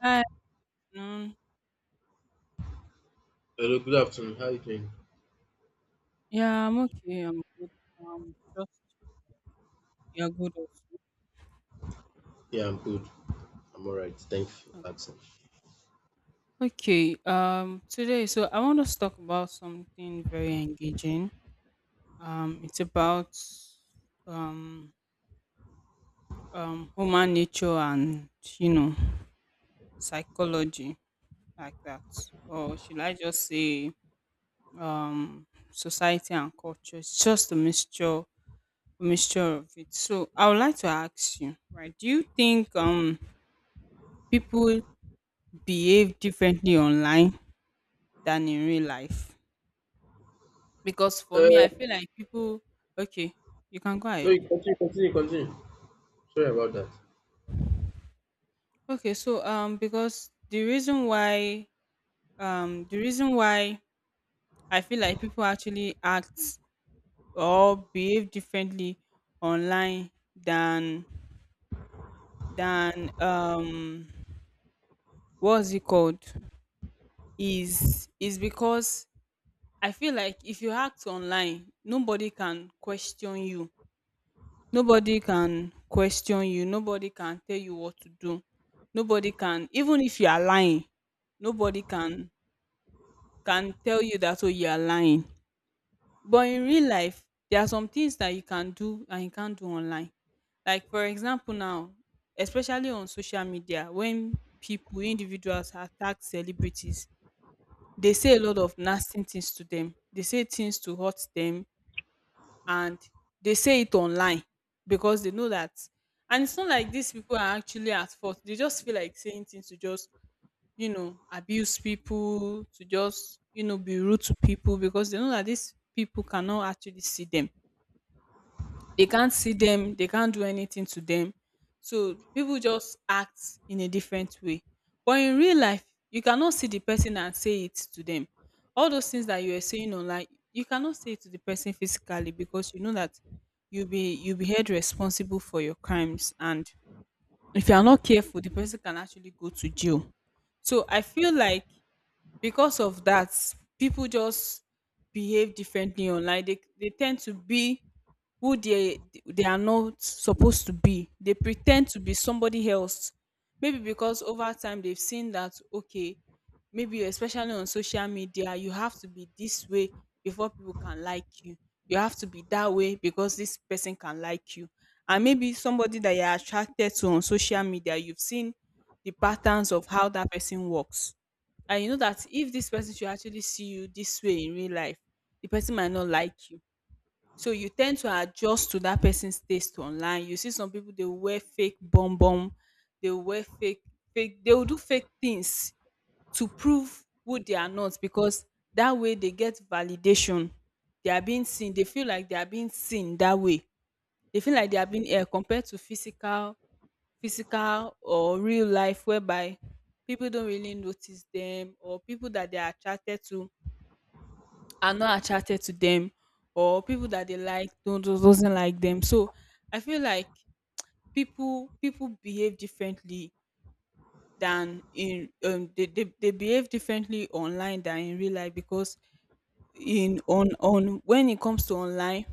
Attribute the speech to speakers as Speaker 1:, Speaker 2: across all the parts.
Speaker 1: Hi, afternoon.
Speaker 2: Hello, good afternoon. How are you doing?
Speaker 1: Yeah, I'm okay. I'm good. Just yeah, good also.
Speaker 2: Yeah, I'm good. I'm all right. Thanks for
Speaker 1: O-
Speaker 2: asking.
Speaker 1: Okay. Today, so I want us to talk about something very engaging. It's about um human nature and you know psychology like that, or should I just say society and culture? It's just a mixture of it. So I would like to ask you, right? Do you think people behave differently online than in real life because for me I
Speaker 2: Uh,
Speaker 1: feel like people. Okay, you can go
Speaker 2: no,
Speaker 1: ahead.
Speaker 2: you continue, continue, continue. Sorry about
Speaker 1: Okay, so because the reason why um the reason why I feel like people actually act or behave differently online than than um what's it called is because I feel like if you act online nobody can question you. Nobody can question you, nobody can tell you what to do, nobody can, even if you are lying, nobody can tell you that, "Oh, you are lying." But in real life, there are some things that you can do and you can't do online. Like for example now, especially on social media, when people, individuals attack celebrities, they say a lot of nasty things to them. They say things to hurt them. And they say it online because they know that, and it's not like these people are actually at fault, they just feel like saying things to just, abuse people, to just, be rude to people, because they know that these people cannot actually see them, they can't see them, they can't do anything to them. So people just act in a different way. But in real life, you cannot see the person and say it to them. All those things that you are saying online, you cannot say it to the person physically because you know that you'll be held responsible for your crimes. And if you are not careful, the person can actually go to jail. So I feel like because of that, people just behave differently online. They tend to be who they are not supposed to be. They pretend to be somebody else. Maybe because over time they've seen that okay, maybe especially on social media, you have to be this way before people can like you. You have to be that way because this person can like you. And maybe somebody that you're attracted to on social media, you've seen the patterns of how that person works. And you know that if this person should actually see you this way in real life, the person might not like you, so you tend to adjust to that person's taste online. You see some people they wear fake bum bum, they wear fake, fake, they will do fake things to prove who they are not because that way they get validation. They are being seen. They feel like they are being seen that way. They feel like they are being compared to physical, physical or real life whereby people don't really notice them, or people that they are attracted to are not attracted to them, or people that they like don't do- doesn't like them. So I feel like people behave differently than in they behave differently online than in real life because in on when it comes to online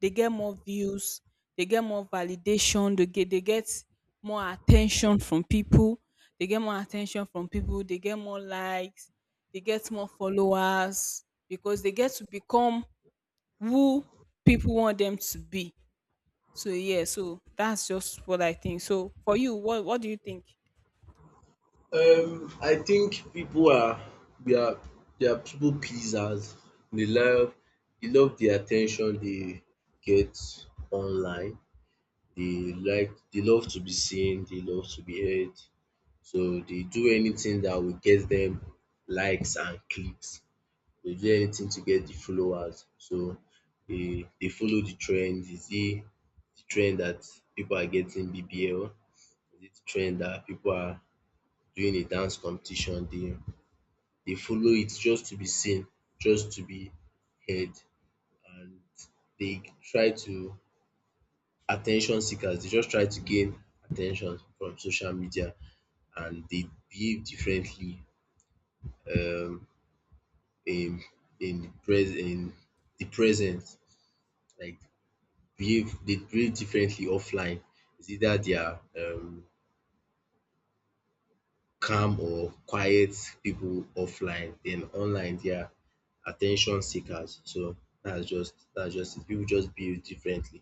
Speaker 1: they get more views, they get more validation, they get more attention from people, they get more attention from people, they get more likes, they get more followers, because they get to become who people want them to be. So yeah, so that's just what I think. So for you, what do you think?
Speaker 2: that. I think people are they are they are people pleasers. They love they love the attention they get online. They love to be seen. They love to be heard. So they do anything that will get them likes and clicks. They do anything to get the followers. So they follow the trend. Is it the trend that people are getting BBL? Is it the trend that people are doing a dance competition? They follow it just to be seen, just to be heard, and they try to attention seekers. They just try to gain attention from social media, and they behave differently um in in the present, like behave they behave differently offline. It's either they are calm or quiet people offline, then online they are attention seekers. So that's just it. Pipu just behave differently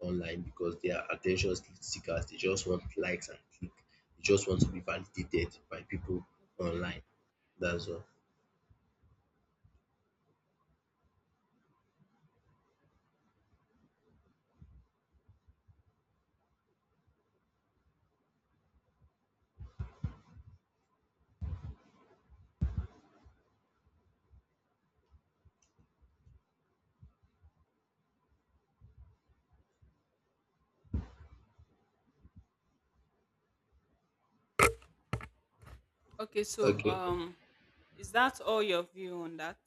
Speaker 2: online because they are attention seekers. They just want likes and click. They just want to be validated by people
Speaker 1: Okay.
Speaker 2: online. That's all.
Speaker 1: Okay. So,
Speaker 2: Okay.
Speaker 1: is that all your view on that?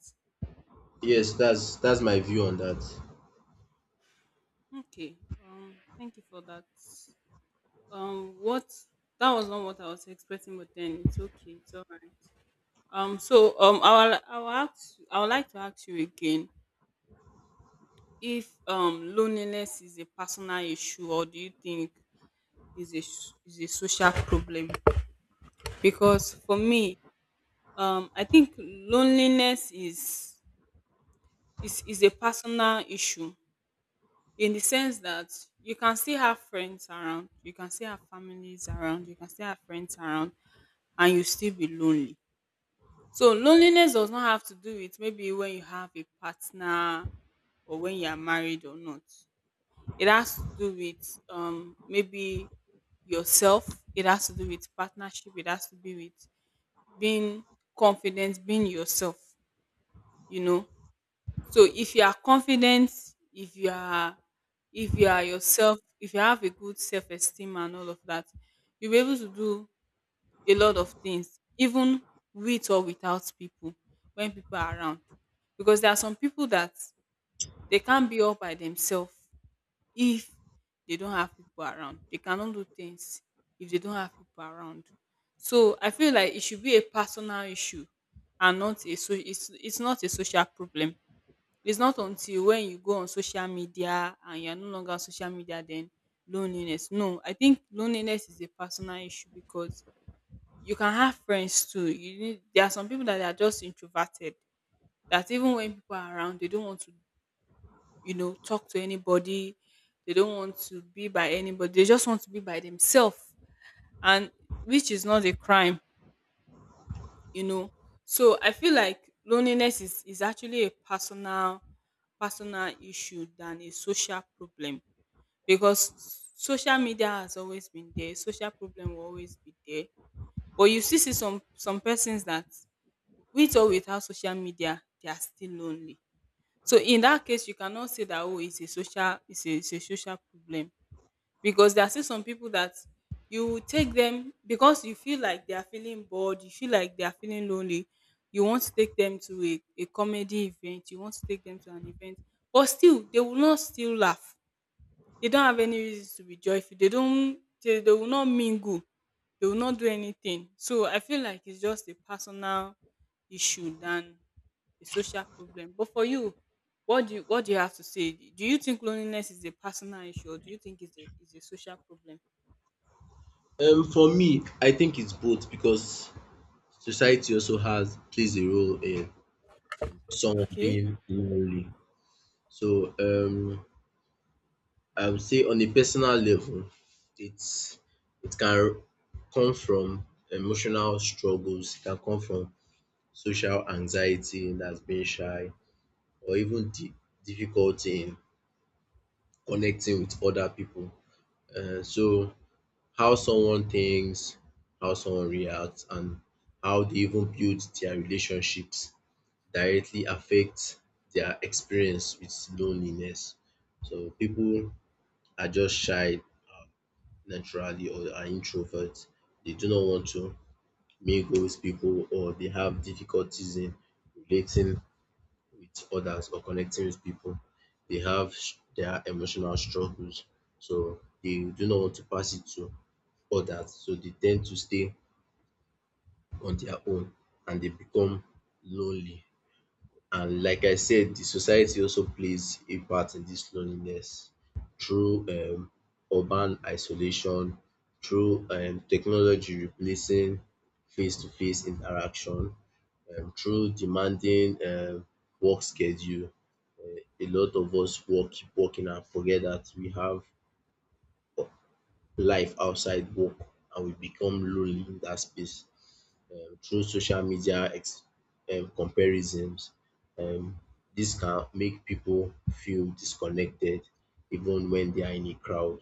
Speaker 2: Yes, that's my view on that.
Speaker 1: Okay. Thank you for that. What That was not what I was expecting, but then it's okay. It's all right. I'll ask. I would like to ask you again if loneliness is a personal issue, or do you think is a, is a social problem? Because for me, I think loneliness is a personal issue, in the sense that you can still have friends around, you can still have families around, you can still have friends around and you still be lonely. So loneliness does not have to do with maybe when you have a partner or when you are married or not. It has to do with maybe yourself, it has to do with partnership, it has to be with being confident, being yourself, you know. So if you are confident, if you are if you are yourself, if you have a good self-esteem and all of that, you'll be able to do a lot of things, even with or without people, when people are around. Because there are some people that they can't be all by themselves if they don't have people around. They cannot do things if they don't have people around. So I feel like it should be a personal issue and not a, so it's not a social problem. It's not until when you go on social media and you're no longer on social media then loneliness. No, I think loneliness is a personal issue because you can have friends too. You need There are some people that are just introverted, that even when people are around they don't want to, you know, talk to anybody. They don't want to be by anybody. They just want to be by themselves, and which is not a crime, you know. So I feel like loneliness is actually a personal, personal issue than a social problem, because social media has always been there, social problem will always be there, but you still see some persons that with or without social media they are still lonely. So in that case you cannot say that oh it's a social, it's a social problem, because there are still some people that you take them because you feel like they are feeling bored, you feel like they are feeling lonely. You want to take them to a comedy event, you want to take them to an event, but still they will not still laugh. They don't have any reason to be joyful. They don't, they will not mingle. They will not do anything. So I feel like it's just a personal issue than a social problem. But for you, what do you, what do you have to say? Do you think loneliness is a personal issue, or do you think it's a, is a social problem?
Speaker 2: For me, I think it's both because society also has plays a role in someone
Speaker 1: Okay.
Speaker 2: being lonely. So I would say on a personal level, it's it can come from emotional struggles, it can come from social anxiety, that's being shy, or even di difficulty in connecting with other people. So how someone thinks, how someone reacts, and how they even build their relationships directly affects their experience with loneliness. So people are just shy naturally, or are introverts. They do not want to mingle with people, or they have difficulties in relating with others or connecting with people. They have their emotional struggles. So they do not want to pass it to others. So they tend to stay on their own and they become lonely. And like I said, the society also plays a part in this loneliness through urban isolation, through technology replacing face to face interaction, through demanding work schedule. A lot of us work, keep working, and forget that we have life outside work, and we become lonely in that space through social media ex comparisons. Um dis can make people feel disconnected even when they are in a crowd.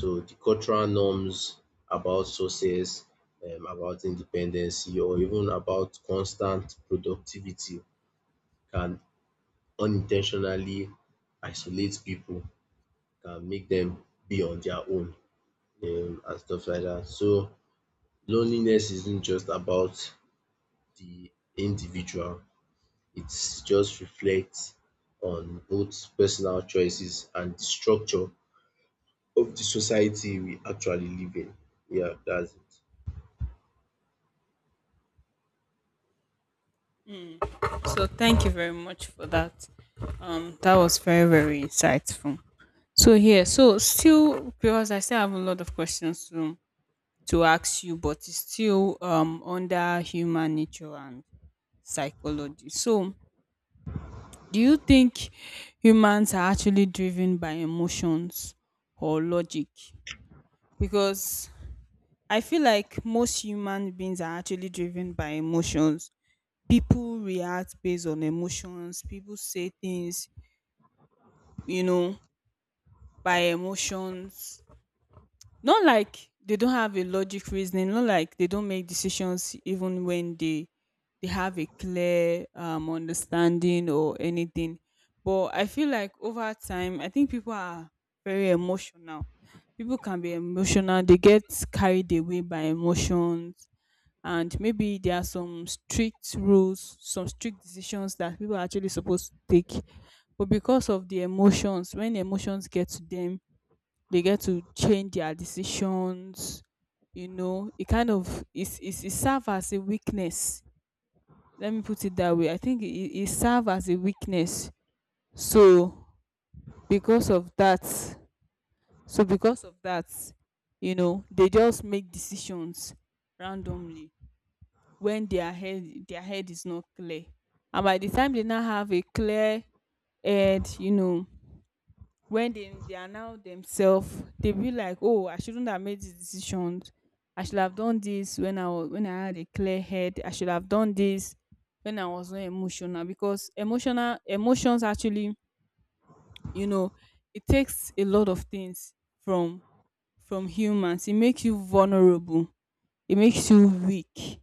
Speaker 2: So the cultural norms about success, about independency, or even about constant productivity, can unintentionally isolate people, can make them be on their own and stuff like that. So loneliness isn't just about the individual, it just reflects on both personal choices and the structure of the society we actually live in. Yeah, that's
Speaker 1: Mm. So thank you very much for that. That was very very insightful. So here, so still because I still have a lot of questions to ask you, but it's still under human nature and psychology. So do you think humans are actually driven by emotions or logic? Because I feel like most human beings are actually driven by emotions. People react based on emotions. People say things, you know, by emotions. Not like they don't have a logic reasoning. Not like they don't make decisions even when they have a clear understanding or anything. But I feel like over time, I think people are very emotional. People can be emotional. They get carried away by emotions, and maybe there are some strict rules, some strict decisions that people are actually supposed to take, but because of the emotions, when emotions get to them, they get to change their decisions, you know. It kind of is, it serve as a weakness, let me put it that way. I think it, it serve as a weakness. So because of that so because of that, you know, they just make decisions randomly when their head, their head is not clear, and by the time they now have a clear head, you know, when they are now themselves, they be like, oh, I shouldn't have made these decisions. I should have done this when I was, when I had a clear head. I should have done this when I was not emotional. Because emotional, emotions actually, you know, it takes a lot of things from from humans. It makes you vulnerable, it makes you weak.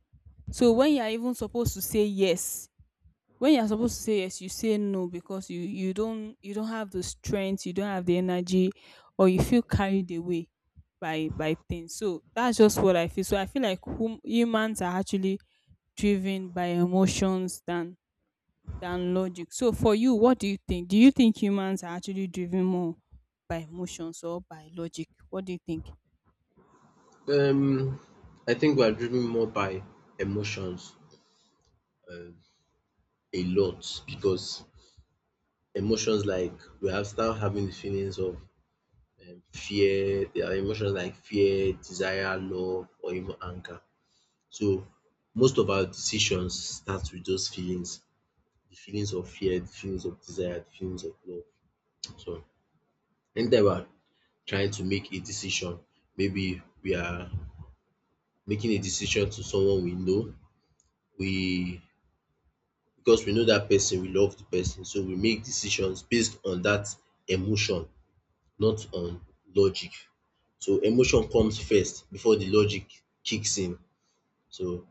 Speaker 1: So when you are even supposed to say yes, when you're supposed to say yes you say no because you, you don't have the strength, you don't have the energy, or you feel carried away by things. So that's just what I feel. So I feel like humans are actually driven by emotions than logic. So for you, what do you think? Do you think humans are actually driven more by emotions or by logic? What do you think?
Speaker 2: it. I think we are driven more by emotions, um, a lot, because emotions like we have start having the feelings of fear. There are emotions like fear, desire, love, or even anger. So most of our decisions start with those feelings, the feelings of fear, the feelings of desire, the feelings of love. So anytime we are trying to make a decision, maybe we are making a decision to someone we know, we because we know that person, we love the person, so we make decisions based on that emotion, not on logic. So emotion comes first before the logic kicks in. So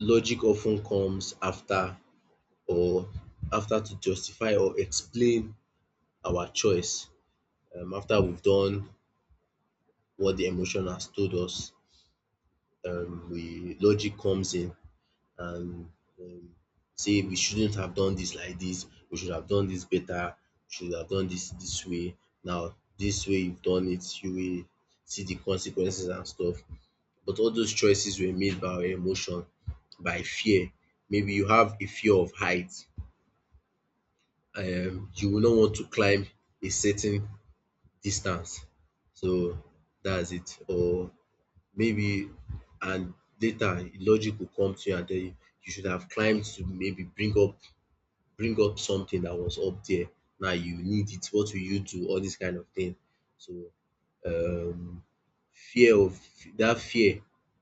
Speaker 2: logic often comes after, or after to justify or explain our choice, after we've done what the emotion has told us. We logic comes in, and um, say we shouldn't have done this like this, we should have done this better, we should have done this this way. Now this way you've done it, you will see the consequences and stuff. But all those choices were made by our emotion, by fear. Maybe you have a fear of height, you will not want to climb a certain distance. So that's it. Or maybe, and later logic will come to you and tell you, you should have climbed to maybe bring up something that was up there. Now you need it, what will you do, all this kind of thing. So um fear of that fear,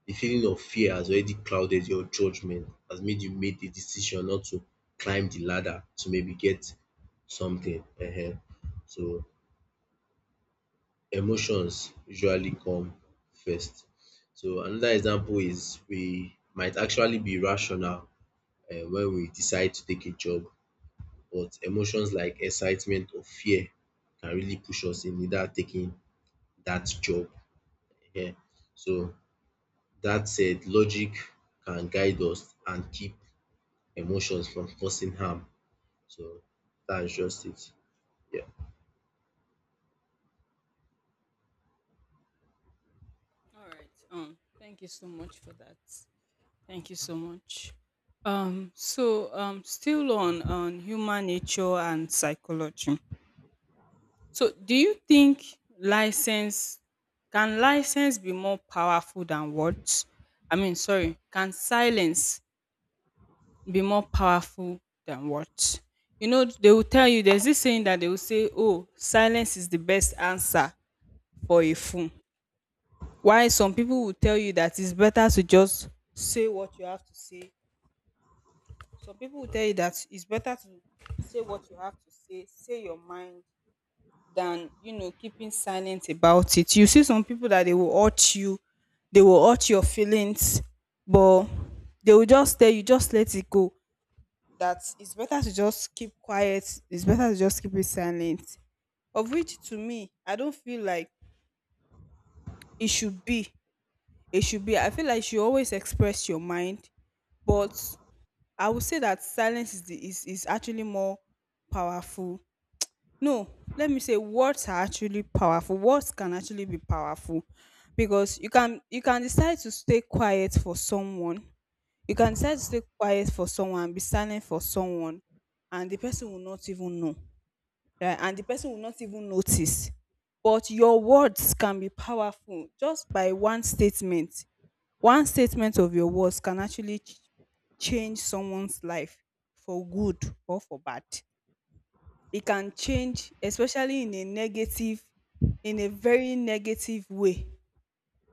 Speaker 2: the feeling of fear has already clouded your judgment, has made you make the decision not to climb the ladder to maybe get something. So emotions usually come first. So another example is we might actually be rational when we decide to take a job, but emotions like excitement or fear can really push us in either taking that job. Yeah. So that said, logic can guide us and keep emotions from causing harm. So that's just it. Yeah.
Speaker 1: All right. Thank you so much for that. Thank you so much. Still on human nature and psychology. So, do you think license can license be more powerful than words? I mean, sorry, can silence be more powerful than words? You know, they will tell you there's this saying that they will say, "Oh, silence is the best answer for a fool." Why some people will tell you that it's better to just say what you have to say. Some people will tell you that it's better to say what you have to say, say your mind, than keeping silent about it. You see some people that they will hurt you, they will hurt your feelings, but they will just tell you just let it go. That it's better to just keep quiet. It's better to just keep it silent. Of which to me, I don't feel like it should be. It should be. I feel like you should always express your mind, but I would say that silence is the, is actually more powerful. No, let me say words are actually powerful. Words can actually be powerful because you can decide to stay quiet for someone. You can decide to stay quiet for someone and be silent for someone and the person will not even know. Right? And the person will not even notice. But your words can be powerful just by one statement. One statement of your words can actually change someone's life for good or for bad. It can change, especially in a negative, in a very negative way.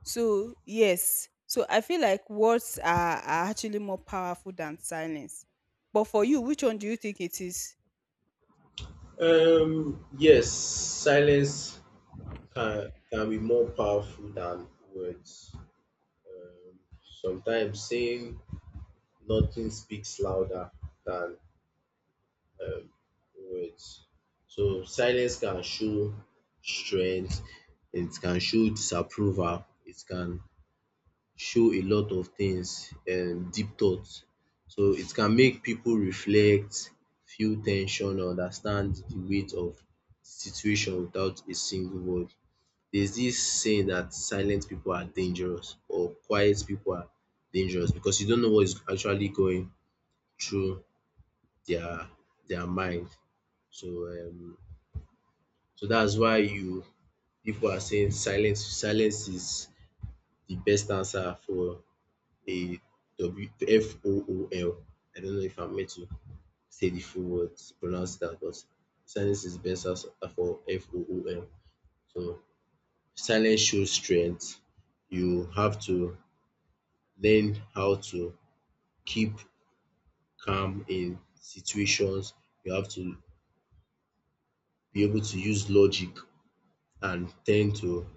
Speaker 1: So yes, so I feel like words are actually more powerful than silence. But for you, which one do you think it is?
Speaker 2: Yes, silence can be more powerful than words. Um, Sometimes saying nothing speaks louder than um, words. So silence can show strength, it can show disapproval, it can show a lot of things, deep thoughts. So it can make people reflect, feel tension, understand the weight of the situation without a single word. There's this saying that silent people are dangerous, or quiet people are dangerous, because you don't know what is actually going through their their mind. So that's why you people are saying silence is the best answer for a W F O O L. I don't know if I'm meant to say the full words, pronounce that, but silence is the best answer for fool. So silence shows strength. You have to learn how to keep calm in situations. You have to be able to use logic and tend to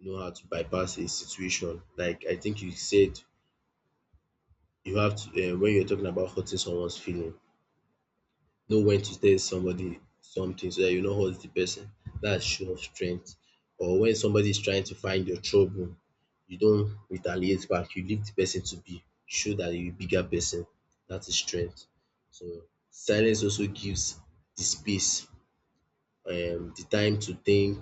Speaker 2: know how to bypass a situation. Like I think you said, you have to, when you're talking about hurting someone's feeling, know when to tell somebody something so that you no hurt the person. That's show of strength. Or when somebody is trying to find your trouble, you don't retaliate back, you leave the person to be. Show that you bigger person. That's is strength. So silence also gives the space, the time to think,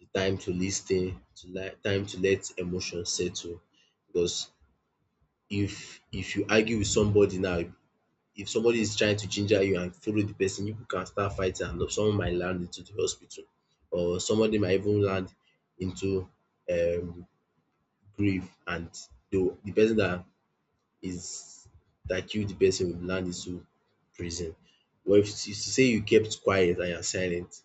Speaker 2: the time to lis ten, time to let emotion settle. Because if you argue with somebody now, if somebody is trying to ginger you and follow the person, you can start fighting and someone might land into the hospital, or somebody might even land into um grave, and the person that is that killed the person will land into prison. But if you say you kept quiet and you are silent,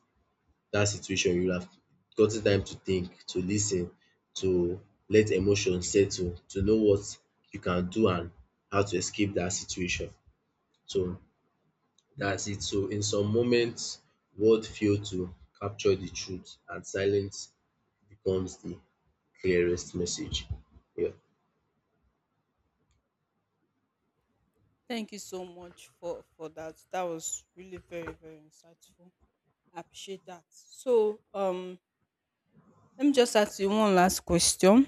Speaker 2: that situation you have gotten time to think, to listen, to let emotion settle, to know what you can do and how to escape that situation. So that's it. So in some moments, words fail to capture the truth and silence becomes the clearest message. Yeah.
Speaker 1: Thank you so much for that. That was really very, very insightful. I appreciate that. So let me just ask you one last question,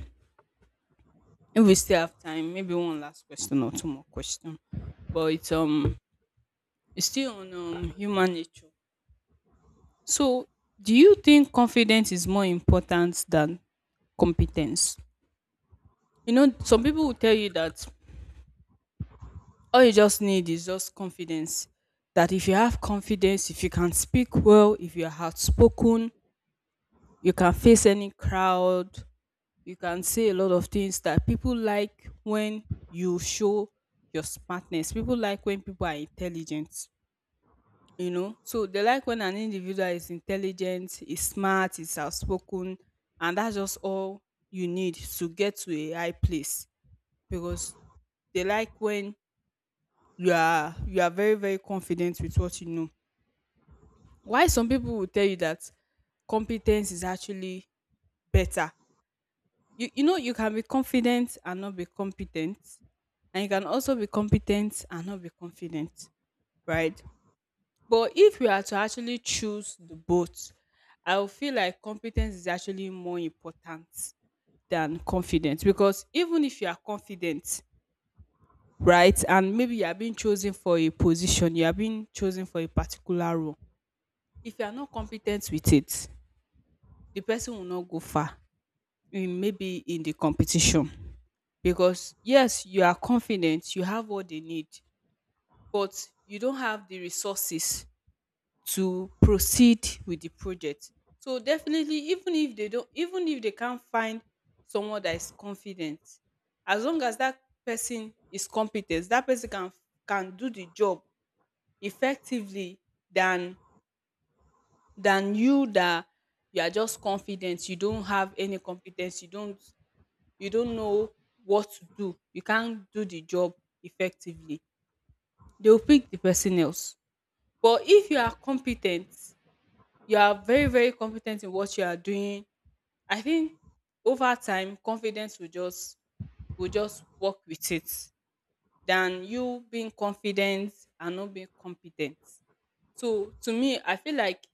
Speaker 1: if we still have time, maybe one last question or two more questions, but it's still on human nature. So, do you think confidence is more important than competence? You know, some people will tell you that all you just need is just confidence. That if you have confidence, if you can speak well, if you're outspoken, you can face any crowd, you can say a lot of things that people like when you show your smartness. People like when people are intelligent. You know, so they like when an individual is intelligent, is smart, is outspoken, and that's just all you need to get to a high place, because they like when you are very, very confident with what you know. Why some people will tell you that competence is actually better. You know, you can be confident and not be competent, and you can also be competent and not be confident, right? But if we are to actually choose the both, I will feel like competence is actually more important than confidence, because even if you are confident, right, and maybe you are being chosen for a position, you are being chosen for a particular role, if you are not competent with it, the person will not go far in, maybe in the competition. Because yes, you are confident, you have what they need, but you don't have the resources to proceed with the project. So definitely, even if they can't find someone that is confident, as long as that person is competent, that person can do the job effectively, than you that you are just confident, you don't have any competence, you don't know what to do, you can't do the job effectively. They will pick the person else. But if you are competent, you are very, very competent in what you are doing, I think over time confidence will just work with it, than you being confident and not being competent. So to me, I feel like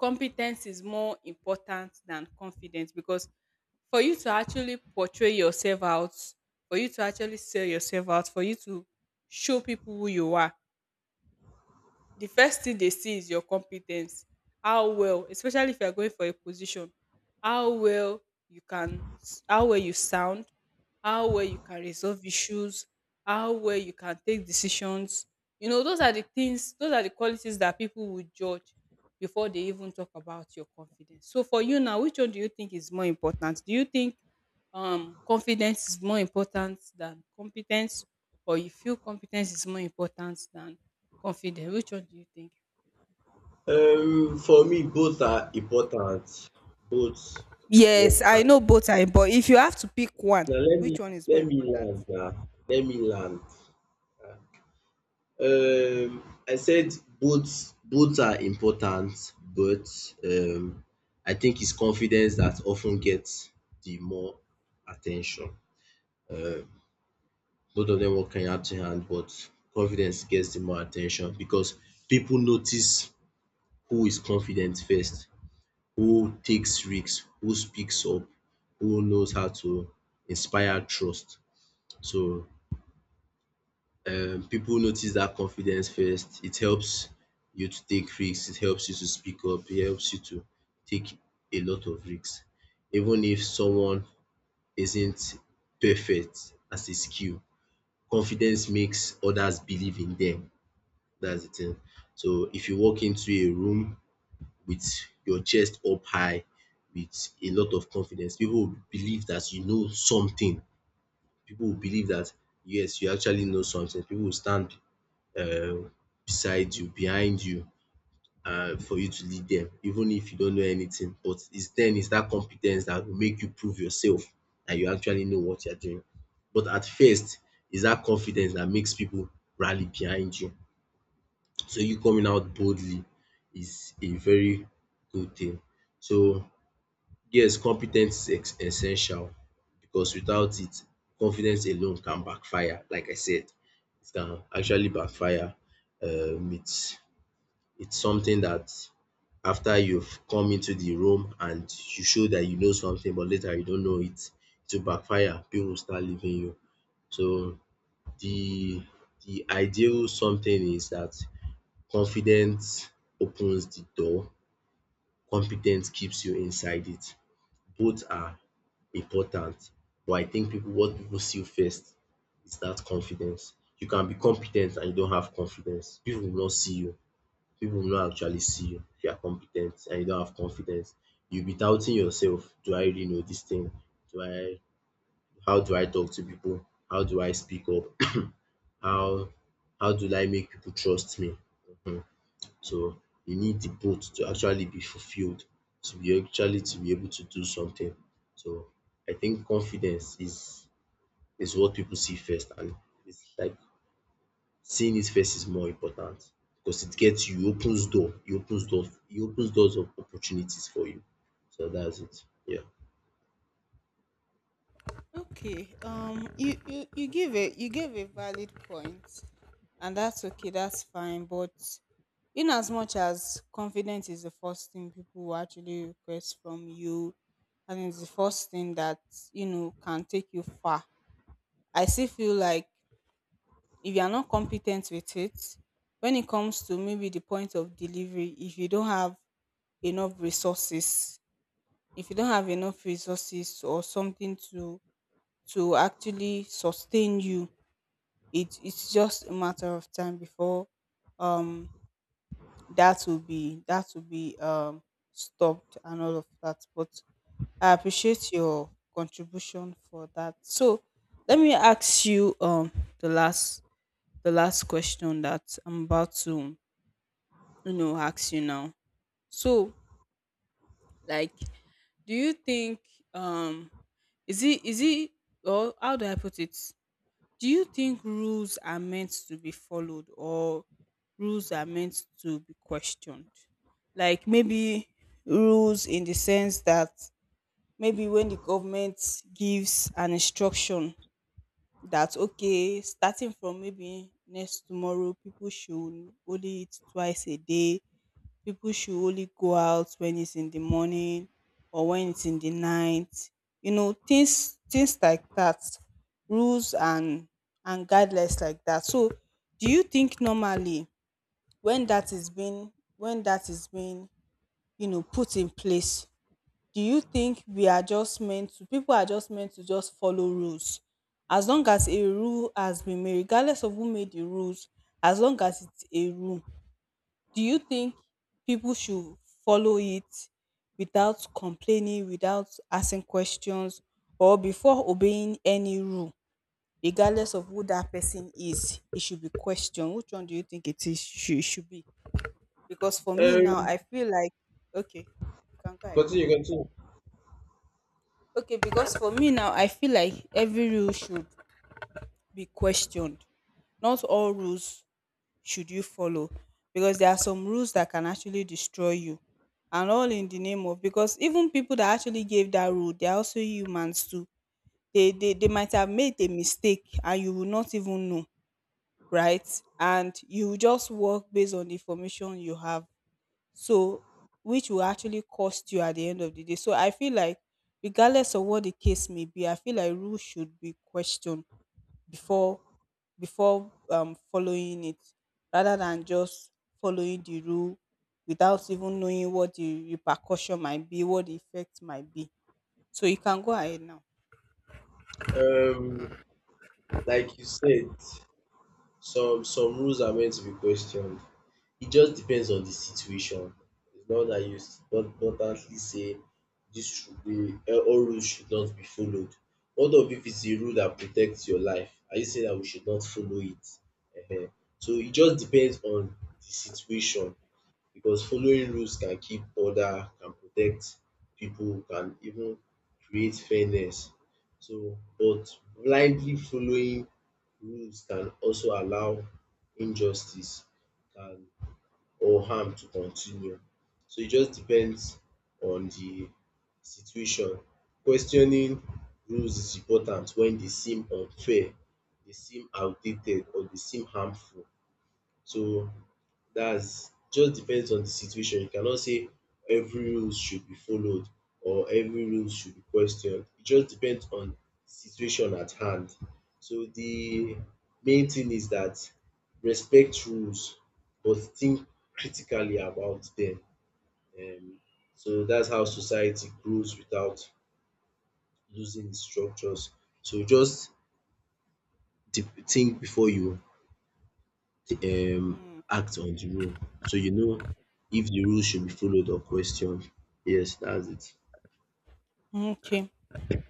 Speaker 1: competence is more important than confidence, because for you to actually portray yourself out, for you to actually sell yourself out, for you to show people who you are, the first thing they see is your competence. How well, especially if you are going for a position, how well you can how well you sound, how well you can resolve issues, how well you can take decisions. You know, those are the things, those are the qualities that people would judge before they even talk about your confidence. So for you now, which one do you think is more important? Do you think confidence is more important than competence, or you feel competence is more important than confidence? Which one do you think?
Speaker 2: For me, both are important. Both
Speaker 1: Yes,
Speaker 2: work hard.
Speaker 1: I know both are important, but if you have to pick one,
Speaker 2: Now, let me
Speaker 1: which one is more
Speaker 2: let me
Speaker 1: important?
Speaker 2: land now. Let me land. I said both are important, but um, I think it's confidence that often gets the more attention. Uh, Both of them working hand in hand, but confidence gets the more attention because people notice who is confident first, who takes risks, who speaks up, who knows how to inspire trust. So people notice that confidence first. It helps you to take risks, it helps you to speak up, it helps you to take a lot of risks. Even if someone isn't perfect as a skill, confidence makes others believe in them. That's the thing. So if you walk into a room with your chest up high, with a lot of confidence, people will believe that you know something. People will believe that yes, you actually know something. People will stand um beside you, behind you, for you to lead them, even if you don't know anything. But it's that compe that will make you prove yourself that you actually know what you are doing. But at first, it's that confidence that makes people rally behind you. So you coming out boldly is a very good thing. So yes, competence ten ce is essential, because without it confidence alone can backfire, like I said. It can actually backfire. Um it's it's something that after you've come into the room and you show that you know something but later you don't know it, it will backfire. People will start leaving you. So the the ideal something is that. Confidence opens the door, competence keeps you inside it. Both are important, but I think people what people see first is that confidence. You can be competent and you don't have confidence, people will not see you, people will not actually see you if you are competent and you don't have confidence. You'll be doubting yourself. Do I really know this thing? Do I how do I talk to people? How do I speak up? How how do I make people trust me? um So you need the both to actually be fulfilled, to be able to do something. So I think confidence is what people see first, and it's like seeing it first is more important because it gets you, it opens doors of opportunities for you. So that's it. Yeah.
Speaker 1: Okay. You you you give a you gave a valid point, and that's okay. That's fine. But in as much as confidence is the first thing people will actually request from you, and it's the first thing that, you know, can take you far, I still feel like if you are not competent with it, when it comes to maybe the point of delivery, if you don't have enough resources, if you don't have enough resources or something to actually sustain you, it's just a matter of time before um that will be stopped and all of that. But I appreciate your contribution for that. So let me ask you, the last question that I'm about to, you know, ask you now. So, like, do you think um is it or how do I put it, do you think rules are meant to be followed or rules are meant to be questioned? Like maybe rules in the sense that, maybe when the government gives an instruction that, okay, starting from maybe next tomorrow, people should only eat twice a day, people should only go out when it's in the morning or when it's in the night. You know, things like that, rules and guidelines like that. So do you think, normally, when that is being, you know, put in place, do you think we are just meant to, people are just meant to just follow rules as long as a rule has been made, regardless of who made the rules, as long as it's a rule, do you think people should follow it without complaining, without asking questions, or before obeying any rule, regardless of who that person is, it should be questioned? Which one do you think it is, should be? Because for me now, I
Speaker 2: Um,
Speaker 1: feel like, okay, you can go ahead.
Speaker 2: continue, continue.
Speaker 1: Okay, because for me now, I feel like every rule should be questioned. Not all rules should you follow, because there are some rules that can actually destroy you. And all in the name of, because even people that actually gave that rule, they are also humans too. They might have made a mistake and you will not even know, right? And you will just work based on the information you have. So, which will actually cost you at the end of the day. So I feel like, regardless of what the case may be, I feel like rules should be questioned before following it, rather than just following the rule without even knowing what the repercussion might be, what the effect might be. So you can go ahead now.
Speaker 2: Um, like you said, some rules are meant to be questioned. It just depends on the situation. It's not that you not hardly say this should be, all rules should not be followed. What of if it's a rule that protects your life? Are you saying that we should not follow it? Ehen. So it just depends on the situation. Because following rules can keep order, can protect people, can even create fairness. So, but blindly following rules can also allow injustice, can or harm to continue. So it just depends on the situation. Questioning rules is important when they seem unfair, they seem outdated, or they seem harmful. So that's just depends on the situation. You cannot say every rules should be followed or every rules should be questioned. It just depends on situation at hand. So the main thing is that respect rules but think critically about them. Um, so that's how society grows without losing its structures. So just think before you um
Speaker 1: Mm.
Speaker 2: act on the rule. So you know if the rule should be followed or questioned. Yes, that's it.
Speaker 1: Okay.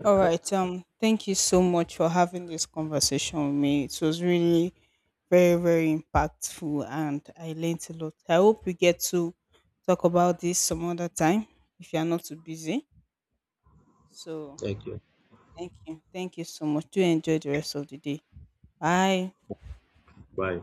Speaker 1: All right. Thank you so much for having this conversation with me. It was really very, very impactful and I learned a lot. I hope we get to talk about this some other time, if you are not too busy. So
Speaker 2: Thank you.
Speaker 1: thank you. Thank you so much. Do enjoy the rest of the day. Bye.
Speaker 2: Bye.